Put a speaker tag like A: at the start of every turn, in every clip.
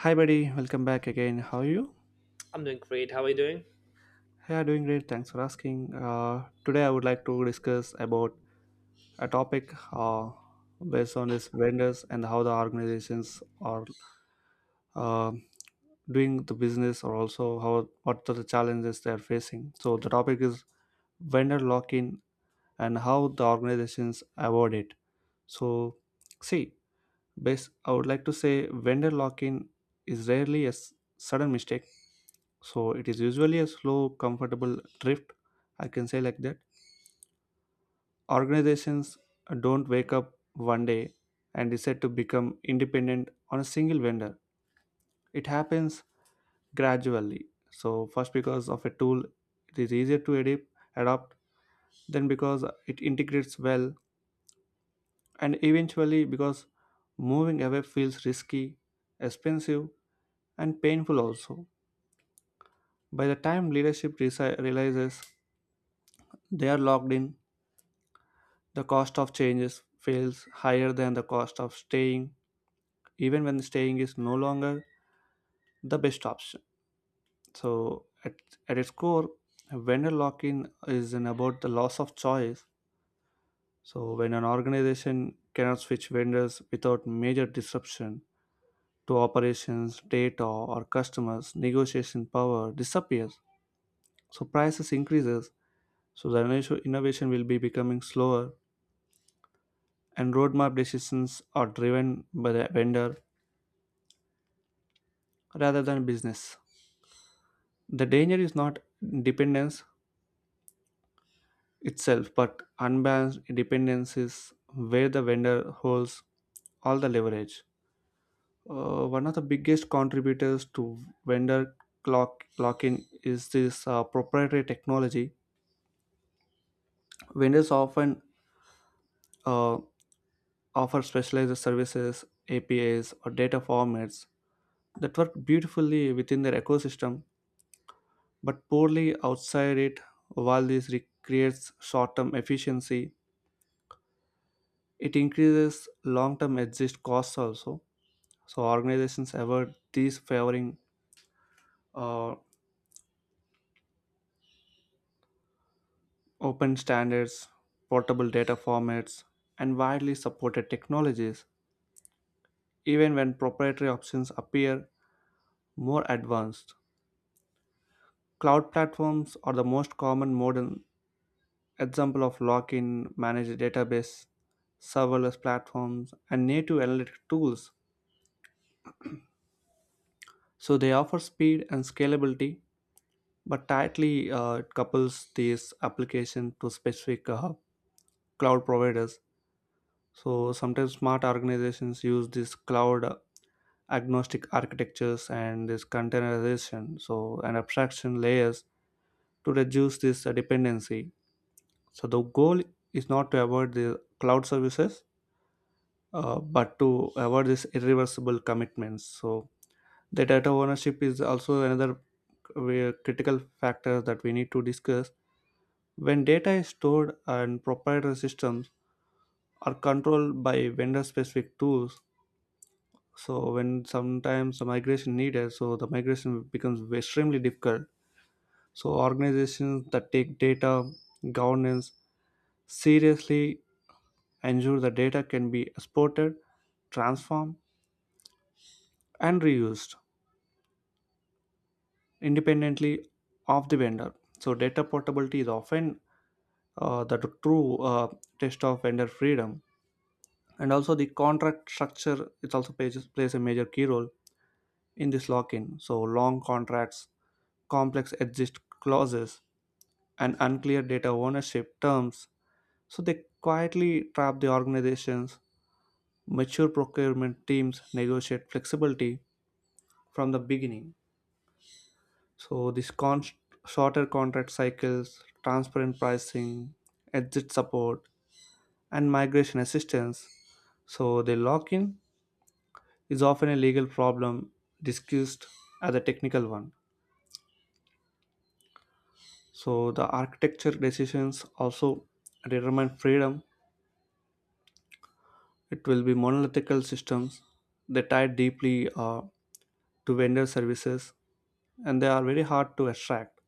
A: Hi, buddy. Welcome back again. How are you?
B: I'm doing great. How are you doing?
A: Yeah, doing great. Thanks for asking. Today, I would like to discuss about a topic based on this vendors and how the organizations are uh, doing the business, or also how what are the challenges they are facing. So the topic is vendor lock-in and how the organizations avoid it. So, see, base I would like to say vendor lock-in is rarely a sudden mistake. So it is usually a slow, comfortable drift. I can say like that. Organizations don't wake up one day and decide to become independent on a single vendor. It happens gradually. So first because of a tool, it is easier to adopt. Then because it integrates well, and eventually because moving away feels risky, expensive, and painful also. By the time leadership realizes they are locked in, the cost of changes feels higher than the cost of staying, even when staying is no longer the best option. So, at its core, vendor lock in is in about the loss of choice. So, when an organization cannot switch vendors without major disruption to operations, data, or customers, negotiation power disappears. So, prices increases. So, the innovation will be becoming slower, and roadmap decisions are driven by the vendor rather than business. The danger is not dependence itself, but unbalanced dependence is where the vendor holds all the leverage. One of the biggest contributors to vendor clock lock-in is this proprietary technology. Vendors often uh, offer specialized services, APIs, or data formats that work beautifully within their ecosystem, but poorly outside it. While this creates short-term efficiency, it increases long term exit costs also. So, organizations avoid these favoring uh, open standards, portable data formats, and widely supported technologies, even when proprietary options appear more advanced. Cloud platforms are the most common modern example of lock in managed database, serverless platforms, and native analytic tools. So, they offer speed and scalability but tightly it couples these application to specific cloud providers. So sometimes smart organizations use this cloud agnostic architectures and this containerization so and abstraction layers to reduce this dependency. So the goal is not to avoid the cloud services, but to avoid these irreversible commitments. So the data ownership is also another critical factor that we need to discuss. When data is stored and proprietary systems are controlled by vendor specific tools, so when sometimes the migration needed, so the migration becomes extremely difficult. So organizations that take data governance seriously ensure the data can be exported, transformed, and reused independently of the vendor. So data portability is often the true test of vendor freedom. And also the contract structure it also plays a major key role in this lock-in. So long contracts, complex exit clauses, and unclear data ownership terms, so they quietly trap the organizations. Mature procurement teams negotiate flexibility from the beginning. So shorter contract cycles, transparent pricing, exit support, and migration assistance, so they lock in is often a legal problem discussed as a technical one. So the architecture decisions also determine freedom. It will be monolithical systems. They tie deeply to vendor services and they are very hard to extract.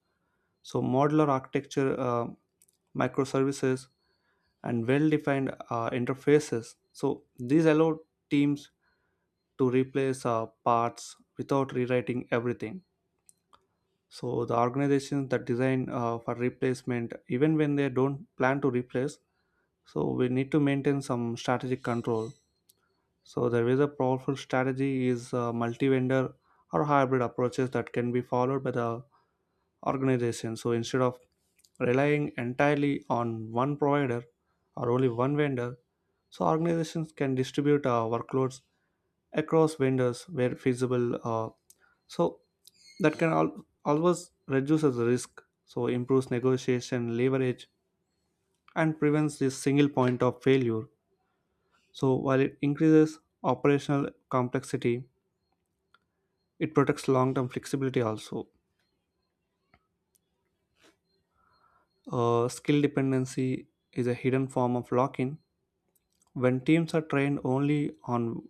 A: So modular architecture, microservices, and well-defined interfaces. So these allow teams to replace parts without rewriting everything. So the organizations that design for replacement even when they don't plan to replace, so we need to maintain some strategic control. So there is a powerful strategy is multi-vendor or hybrid approaches that can be followed by the organization. So instead of relying entirely on one provider or only one vendor, so organizations can distribute workloads across vendors where feasible. So that can always reduces the risk. So improves negotiation leverage and prevents this single point of failure. So while it increases operational complexity, it protects long-term flexibility also. Skill dependency is a hidden form of lock-in. When teams are trained only on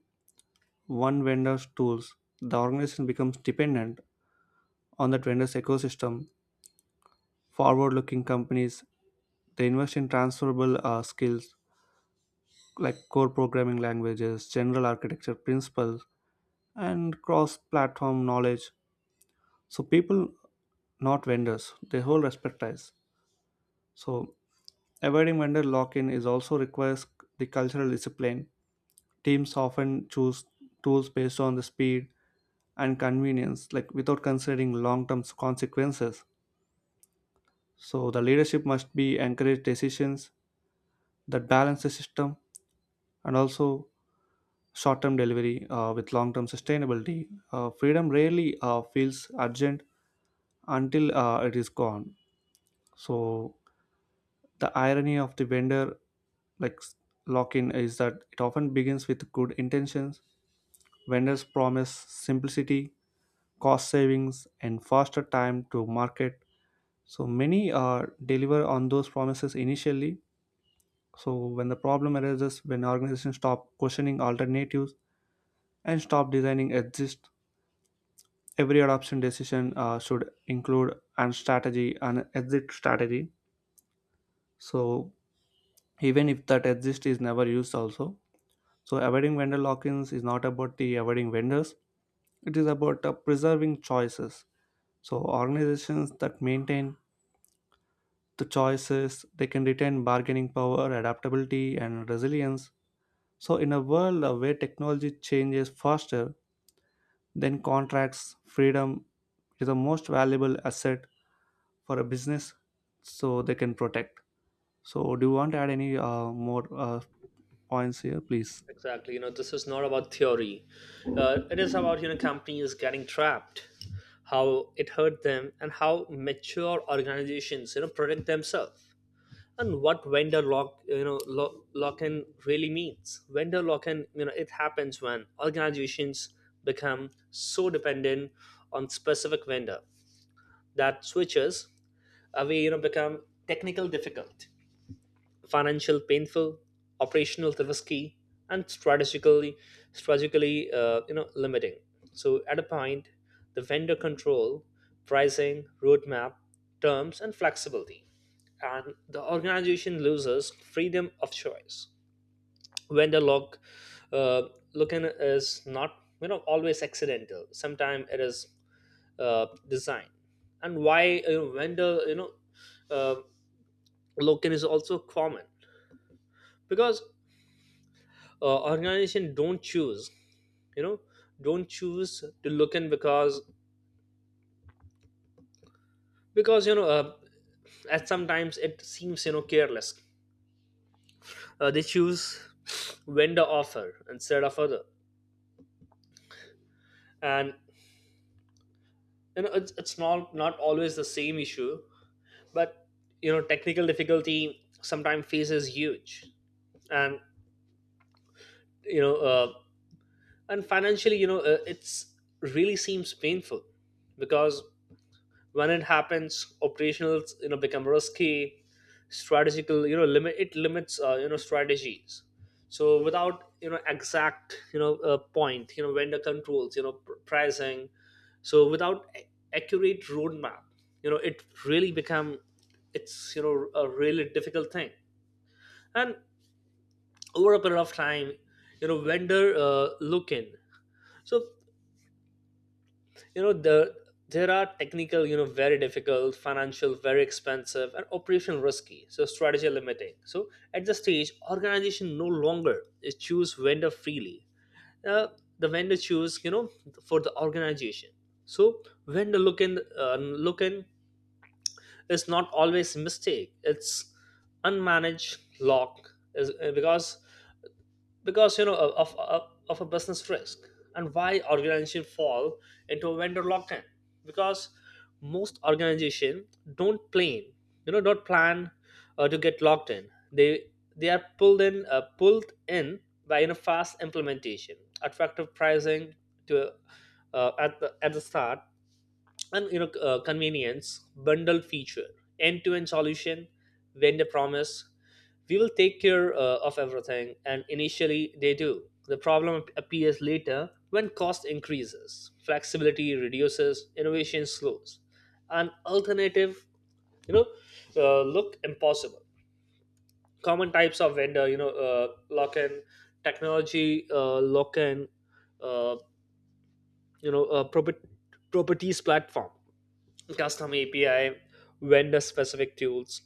A: one vendor's tools, the organization becomes dependent on that vendor's ecosystem. Forward looking companies, they invest in transferable skills like core programming languages, general architecture principles, and cross platform knowledge. So, people, not vendors, they hold expertise. So, avoiding vendor lock in is also requires the cultural discipline. Teams often choose tools based on the speed and convenience, like without considering long term consequences. So, the leadership must be encourage decisions that balance the system and also short term delivery with long term sustainability. Freedom rarely feels urgent until it is gone. So, the irony of the vendor like lock in is that it often begins with good intentions. Vendors promise simplicity, cost savings, and faster time to market. So many deliver on those promises initially. So when the problem arises, when organizations stop questioning alternatives and stop designing exist, every adoption decision should include an exit strategy. So even if that exist is never used also. So avoiding vendor lock-ins is not about the avoiding vendors. It is about preserving choices. So organizations that maintain the choices. They can retain bargaining power, adaptability, and resilience. So, in a world where technology changes faster, then contracts, freedom is the most valuable asset for a business so they can protect. So, do you want to add any more points here, please?
B: Exactly. You know, this is not about theory. It is about companies getting trapped, how it hurt them, and how mature organizations protect themselves, and what vendor lock in really means. Vendor lock in, it happens when organizations become so dependent on specific vendor that switches away, become technical difficult, financial painful, operational risky, and strategically limiting. So at a point, the vendor control, pricing, roadmap, terms, and flexibility, and the organization loses freedom of choice. Vendor lock, uh, looking is not always accidental. Sometimes it is, design, and why vendor, uh, in is also common, because organization don't choose, you know don't choose to look in, because at sometimes it seems, careless, they choose vendor offer instead of other. And it's not always the same issue. But technical difficulty sometimes faces huge. And you know uh, and financially, it's really seems painful, because when it happens operationals become risky, strategical limit it limits, strategies. So without exact, point, vendor controls, pricing. So without accurate roadmap, it really become, it's a really difficult thing. And over a period of time, vendor look in. So the, there are technical, very difficult, financial very expensive, and operational risky, so strategy limiting. So at the stage organization no longer is choose vendor freely. uh, the vendor choose, for the organization. So vendor look in, uh, look in is not always mistake. It's unmanaged lock is, because because you know of, of, of a business risk. And why organizations fall into a vendor lock-in? Because most organizations don't plan, don't plan to get locked in. They are pulled in by fast implementation, attractive pricing, to at the start. And convenience bundle feature, end-to-end solution, vendor promise, we will take care of everything, and initially they do. The problem appears later when cost increases, flexibility reduces, innovation slows, and alternative you know look impossible. Common types of vendor lock-in: technology lock-in, uh, property, properties platform, custom API, vendor specific tools,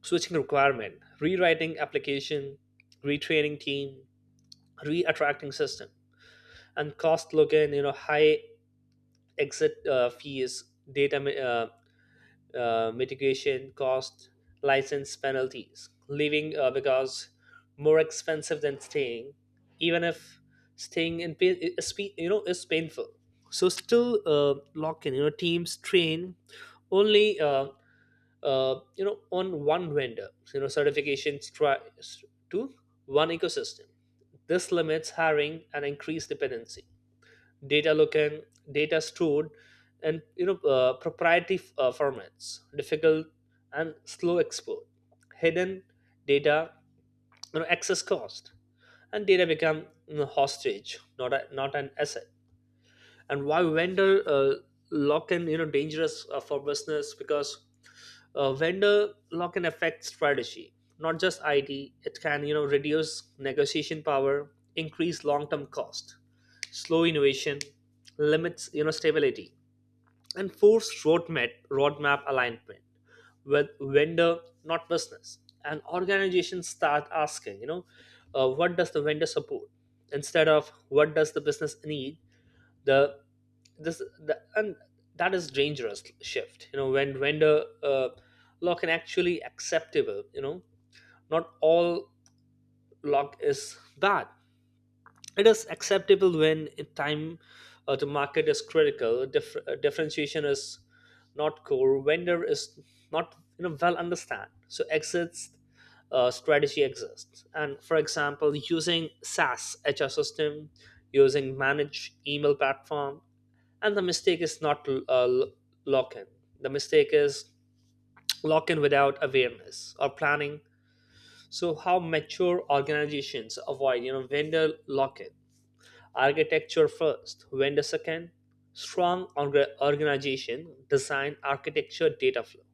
B: switching requirement, rewriting application, retraining team, re-attracting system, and cost login, high exit fees, data mitigation cost, license penalties, leaving, because more expensive than staying, even if staying in pain, is, is painful. So still lock in, teams train only on one vendor. So, certifications try to one ecosystem. This limits hiring and increased dependency. Data looking, data stored and proprietary formats difficult and slow export, hidden data access cost, and data become hostage, not an asset. And why vendor lock in, dangerous for business? Because vendor lock in affects strategy, not just IT. It can reduce negotiation power, increase long term cost, slow innovation, limits stability, and force roadmap alignment with vendor, not business. And organizations start asking, what does the vendor support instead of what does the business need? The this the, and that is dangerous shift. When vendor lock can actually acceptable? Not all lock is bad. It is acceptable when in time, the market is critical, differentiation is not core, vendor is not well understand, so exits strategy exists. And for example using SaaS HR system, using managed email platform. And the mistake is not to lock in. The mistake is lock in without awareness or planning. So how mature organizations avoid vendor lock in? Architecture first, vendor second. Strong organization design architecture, data flow,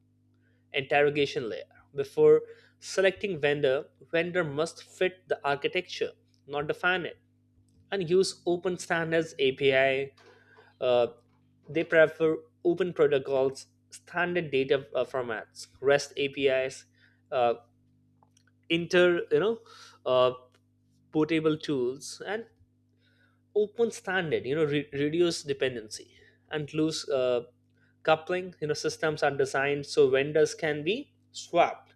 B: interrogation layer before selecting vendor. Vendor must fit the architecture, not define it. And use open standards API. Uh, they prefer open protocols, standard data formats, REST APIs, uh, inter you know uh, portable tools, and open standard. Reduce dependency and loose coupling. You know, systems are designed so vendors can be swapped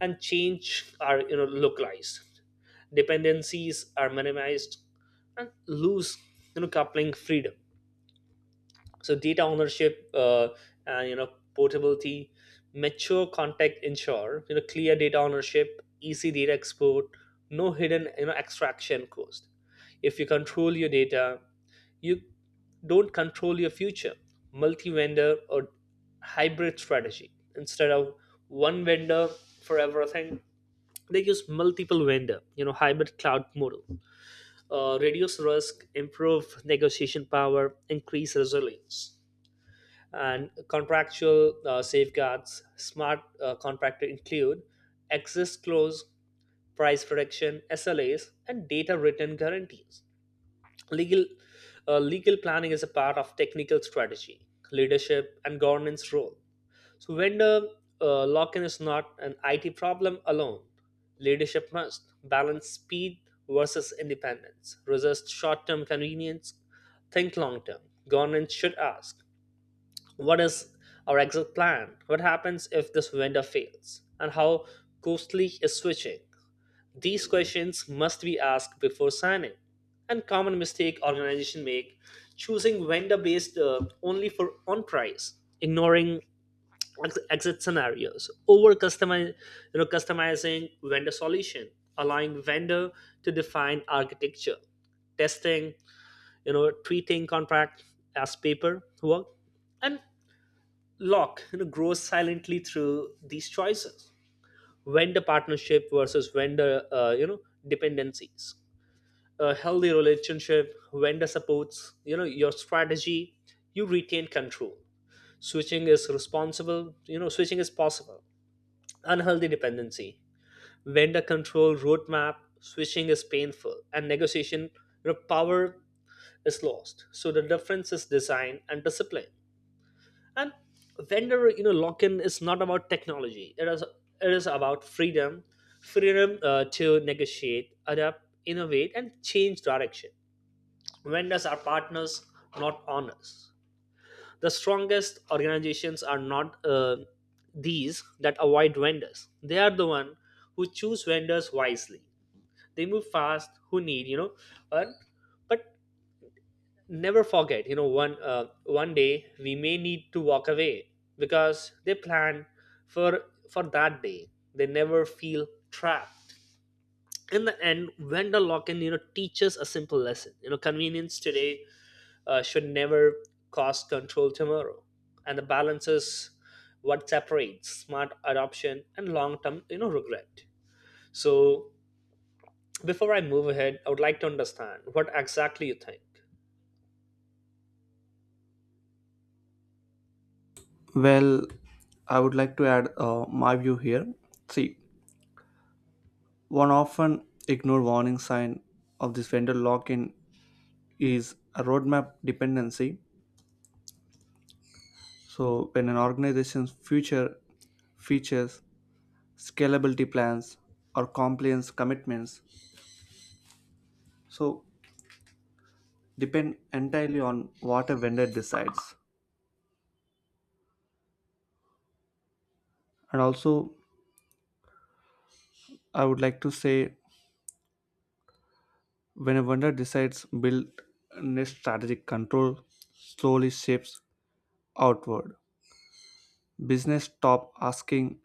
B: and change are, localized. Dependencies are minimized and loose, coupling freedom. So data ownership and portability mature contact ensure clear data ownership, easy data export, no hidden extraction cost. If you control your data, you don't control your future. Multi-vendor or hybrid strategy instead of one vendor for everything. They use multiple vendor, hybrid cloud model, reduce risk, improve negotiation power, increase resilience. And contractual safeguards, smart contractor include access clause, price protection, SLAs, and data written guarantees. Legal, legal planning is a part of technical strategy. Leadership and governance role. So vendor lock-in is not an IT problem alone. Leadership must balance speed versus independence, resist short-term convenience, think long-term. Governance should ask, what is our exit plan? What happens if this vendor fails? And how costly is switching? These questions must be asked before signing. And common mistake organization make: choosing vendor based only for on price, ignoring exit scenarios, over customize, customizing vendor solution, allowing vendor to define architecture, testing, treating contract as paper work, and Locke grows silently through these choices. Vendor partnership versus vendor, dependencies. A healthy relationship, vendor supports your strategy. You retain control. Switching is responsible. Switching is possible. Unhealthy dependency, vendor control roadmap. Switching is painful, and negotiation power is lost. So the difference is design and discipline. And vendor lock-in is not about technology. It is about freedom, freedom to negotiate, adapt, innovate, and change direction. Vendors are partners, not owners. The strongest organizations are not these that avoid vendors. They are the one who choose vendors wisely. They move fast who need, and but never forget, one day we may need to walk away because they plan for for that day. They never feel trapped. In the end vendor lock-in teaches a simple lesson: convenience today should never cost control tomorrow. And the balance is what separates smart adoption and long-term regret. So before I move ahead, I would like to understand what exactly you think.
A: Well, I would like to add my view here. See, one often ignored warning sign of this vendor lock in is a roadmap dependency. So when an organization's future features, scalability plans, or compliance commitments, so depend entirely on what a vendor decides. And also, I would like to say when a vendor decides build next strategic control slowly shifts outward. Business stop asking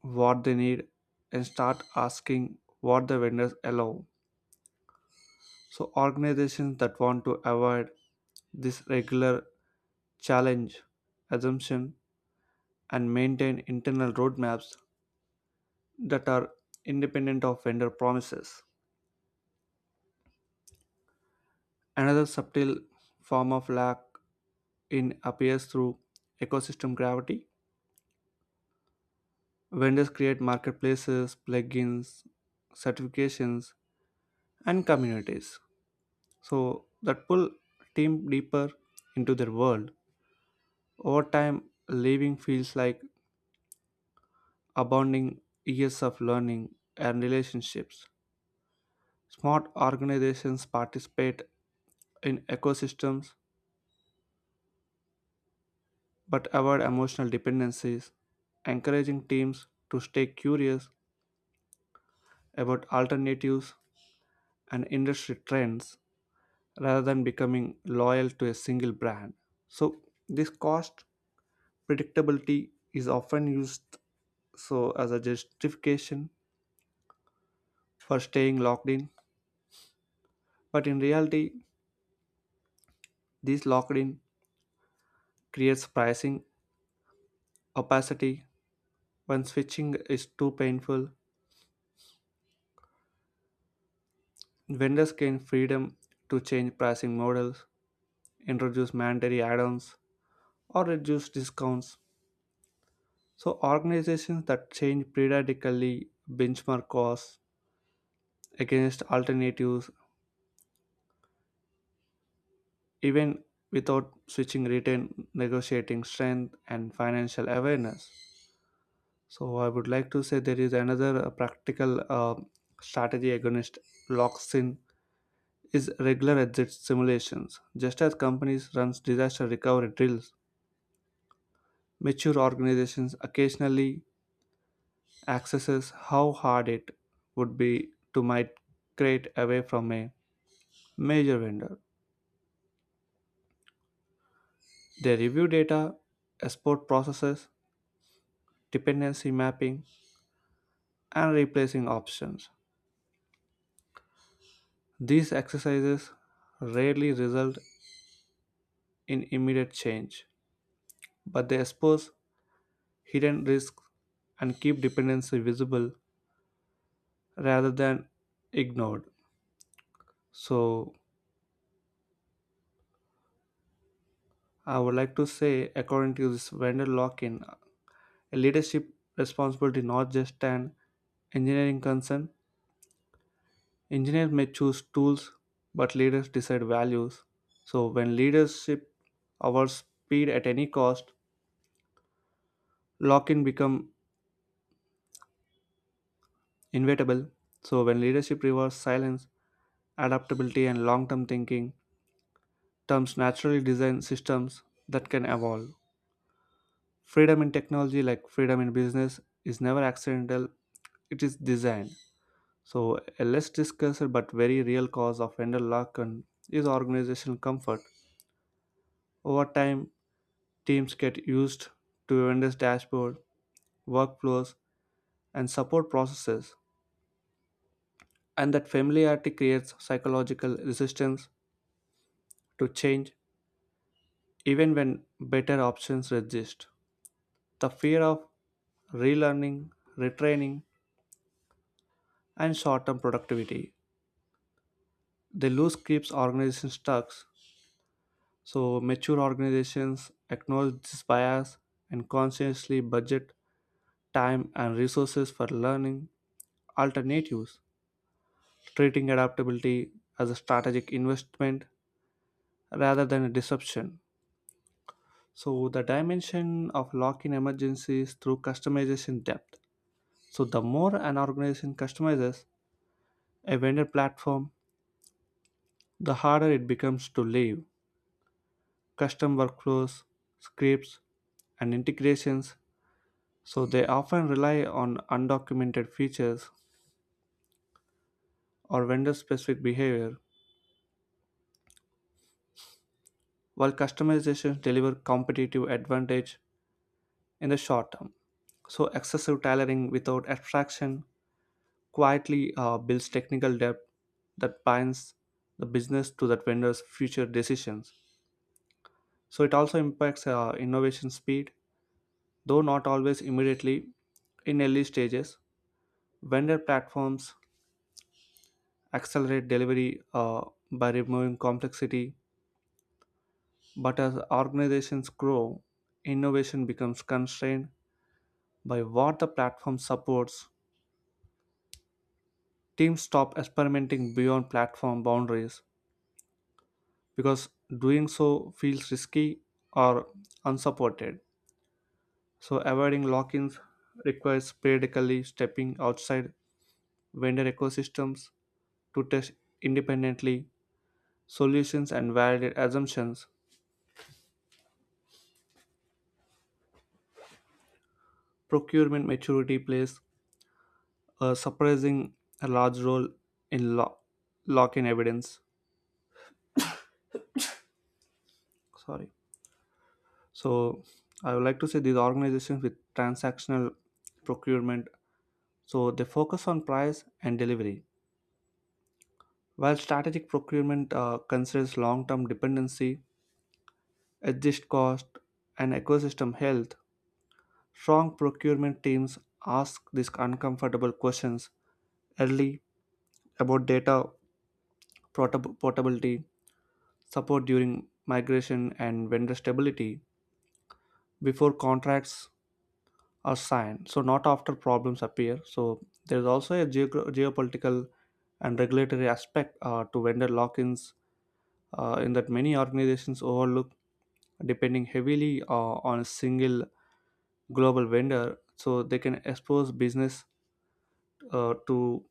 A: what they need and start asking what the vendors allow. So organizations that want to avoid this regular challenge assumption and maintain internal roadmaps that are independent of vendor promises. Another subtle form of lack in appears through ecosystem gravity. Vendors create marketplaces, plugins, certifications, and communities. So that pull team deeper into their world. Over time, leaving feels like abounding years of learning and relationships. Smart organizations participate in ecosystems but avoid emotional dependencies, encouraging teams to stay curious about alternatives and industry trends rather than becoming loyal to a single brand. So, this cost predictability is often used so as a justification for staying locked in, but in reality, this locked in creates pricing opacity when switching is too painful. Vendors gain freedom to change pricing models, introduce mandatory add ons, or reduce discounts. So, organizations that change periodically benchmark costs against alternatives, even without switching retain negotiating strength and financial awareness. So, I would like to say there is another practical strategy against locks in is regular exit simulations. Just as companies run disaster recovery drills, mature organizations occasionally accesses how hard it would be to migrate away from a major vendor. They review data, export processes, dependency mapping, and replacing options. These exercises rarely result in immediate change, but they expose hidden risks and keep dependency visible rather than ignored. So I would like to say, according to this vendor lock-in, a leadership responsibility not just an engineering concern. Engineers may choose tools, but leaders decide values. So when leadership awards speed at any cost, lock-in become inevitable. So when leadership rewards silence, adaptability, and long-term thinking, terms naturally design systems that can evolve. Freedom in technology like freedom in business is never accidental. It is designed. So a less discussed but very real cause of vendor lock in is organizational comfort. Over time, teams get used to vendors dashboard, workflows, and support processes, and that familiarity creates psychological resistance to change, even when better options exist. The fear of relearning, retraining, and short-term productivity, the loose keeps organizations stuck. So mature organizations acknowledge this bias and consciously budget time and resources for learning alternatives, treating adaptability as a strategic investment rather than a disruption. So the dimension of lock-in emergencies through customization depth. So the more an organization customizes a vendor platform, the harder it becomes to leave. Custom workflows, scripts, and integrations, so they often rely on undocumented features or vendor specific behavior, while customizations deliver competitive advantage in the short term. So, excessive tailoring without abstraction quietly builds technical debt that binds the business to that vendor's future decisions. So, it also impacts innovation speed, though not always immediately in early stages. Vendor platforms accelerate delivery by removing complexity. But as organizations grow, innovation becomes constrained by what the platform supports. Teams stop experimenting beyond platform boundaries because doing so feels risky or unsupported. So, avoiding lock ins requires periodically stepping outside vendor ecosystems to test independently solutions and validate assumptions. Procurement maturity plays surprising a large role in lock in evidence. Sorry. So I would like to say these organizations with transactional procurement, so they focus on price and delivery, while strategic procurement considers long-term dependency, adjust cost, and ecosystem health. Strong procurement teams ask these uncomfortable questions early about data portability, support during migration, and vendor stability. Before contracts are signed, so not after problems appear. So there's also a geopolitical and regulatory aspect to vendor lock-ins in that many organizations overlook depending heavily on a single global vendor, so they can expose business to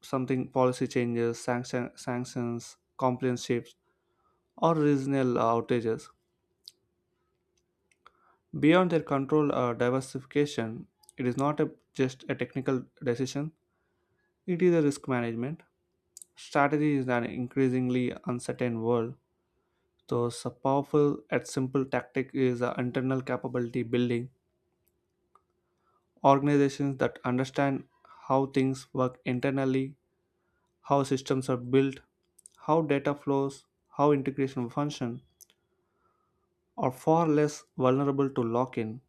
A: something policy changes sanctions compliance shifts, or regional outages beyond their control. Or diversification, it is not a, just a technical decision, it is a risk management strategy in an increasingly uncertain world. So a powerful and simple tactic is a internal capability building. Organizations that understand how things work internally, how systems are built, how data flows, how integration function are far less vulnerable to lock-in.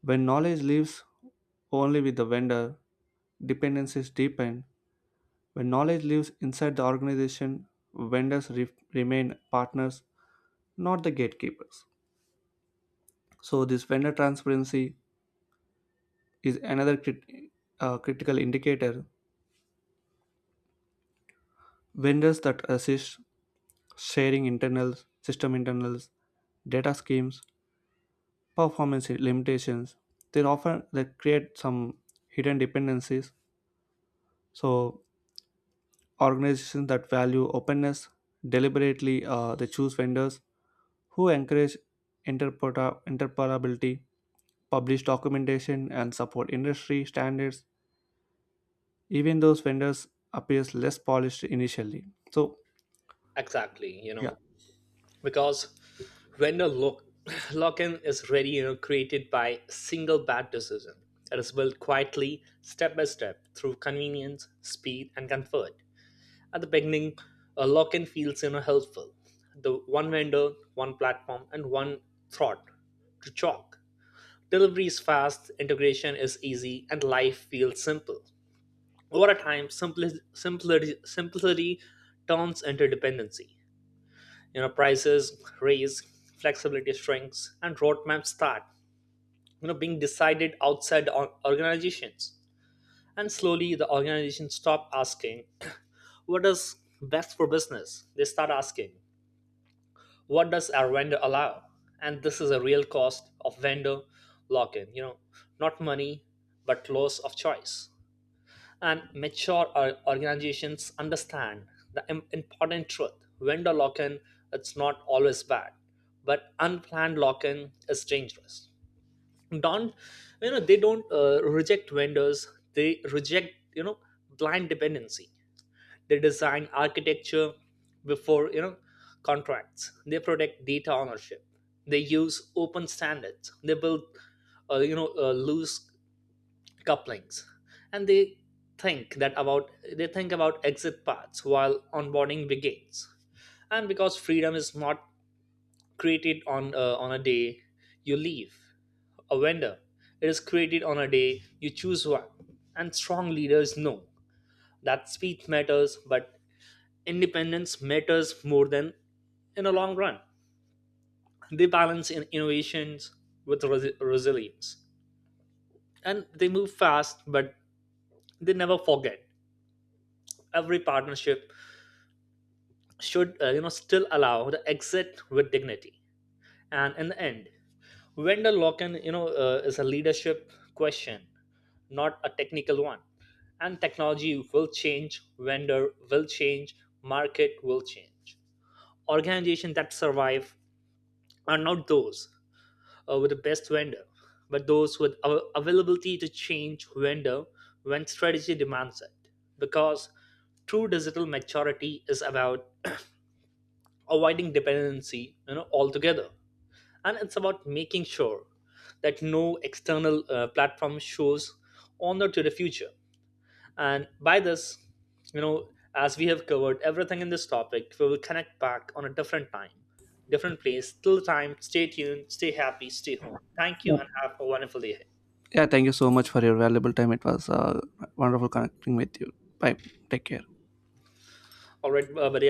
A: When knowledge lives only with the vendor, dependencies deepen. When knowledge lives inside the organization, vendors remain partners, not the gatekeepers. So, this vendor transparency is another critical indicator. Vendors that assist sharing internals, system internals, data schemes, performance limitations, they often they create some hidden dependencies. So, organizations that value openness deliberately they choose vendors who encourage interoperability, publish documentation, and support industry standards, even those vendors appears less polished initially. So
B: Exactly,
A: yeah.
B: because when a lock, lock-in is ready, created by single bad decision, it is built quietly, step by step, through convenience, speed, and comfort. At the beginning, a lock-in feels helpful. The one vendor, one platform, and one thought to chalk. Delivery is fast, integration is easy, and life feels simple. Over a time, simplicity turns into dependency. Prices raise, flexibility shrinks, and roadmaps start being decided outside the organizations. And slowly the organizations stop asking what is best for business. They start asking, what does our vendor allow? And this is a real cost of vendor lock-in, not money but loss of choice. And mature organizations understand the important truth: vendor lock-in, it's not always bad, but unplanned lock-in is dangerous. Don't, they don't reject vendors. They reject blind dependency. They design architecture before contracts. They protect data ownership. They use open standards. They build loose couplings. And think that about they think about exit paths while onboarding begins. And because freedom is not created on a day you leave a vendor. It is created on a day you choose one. And strong leaders know that speed matters, but independence matters more than in the long run. They balance in innovations with resilience. And they move fast but they never forget every partnership should still allow the exit with dignity. And in the end vendor lock-in is a leadership question, not a technical one. And technology will change, vendor will change, market will change. Organizations that survive are not those with the best vendor, but those with availability to change vendor when strategy demands it. Because true digital maturity is about avoiding dependency altogether. And it's about making sure that no external platform shows honor to the future. And by this, you know as we have covered everything in this topic, we will connect back on a different time, different place. Till the time, stay tuned, stay happy, stay home. Thank you
A: Yeah,
B: and have a wonderful day ahead.
A: yeah, thank you so much for your valuable time. It was wonderful connecting with you. Bye. Take care.
B: All right, buddy.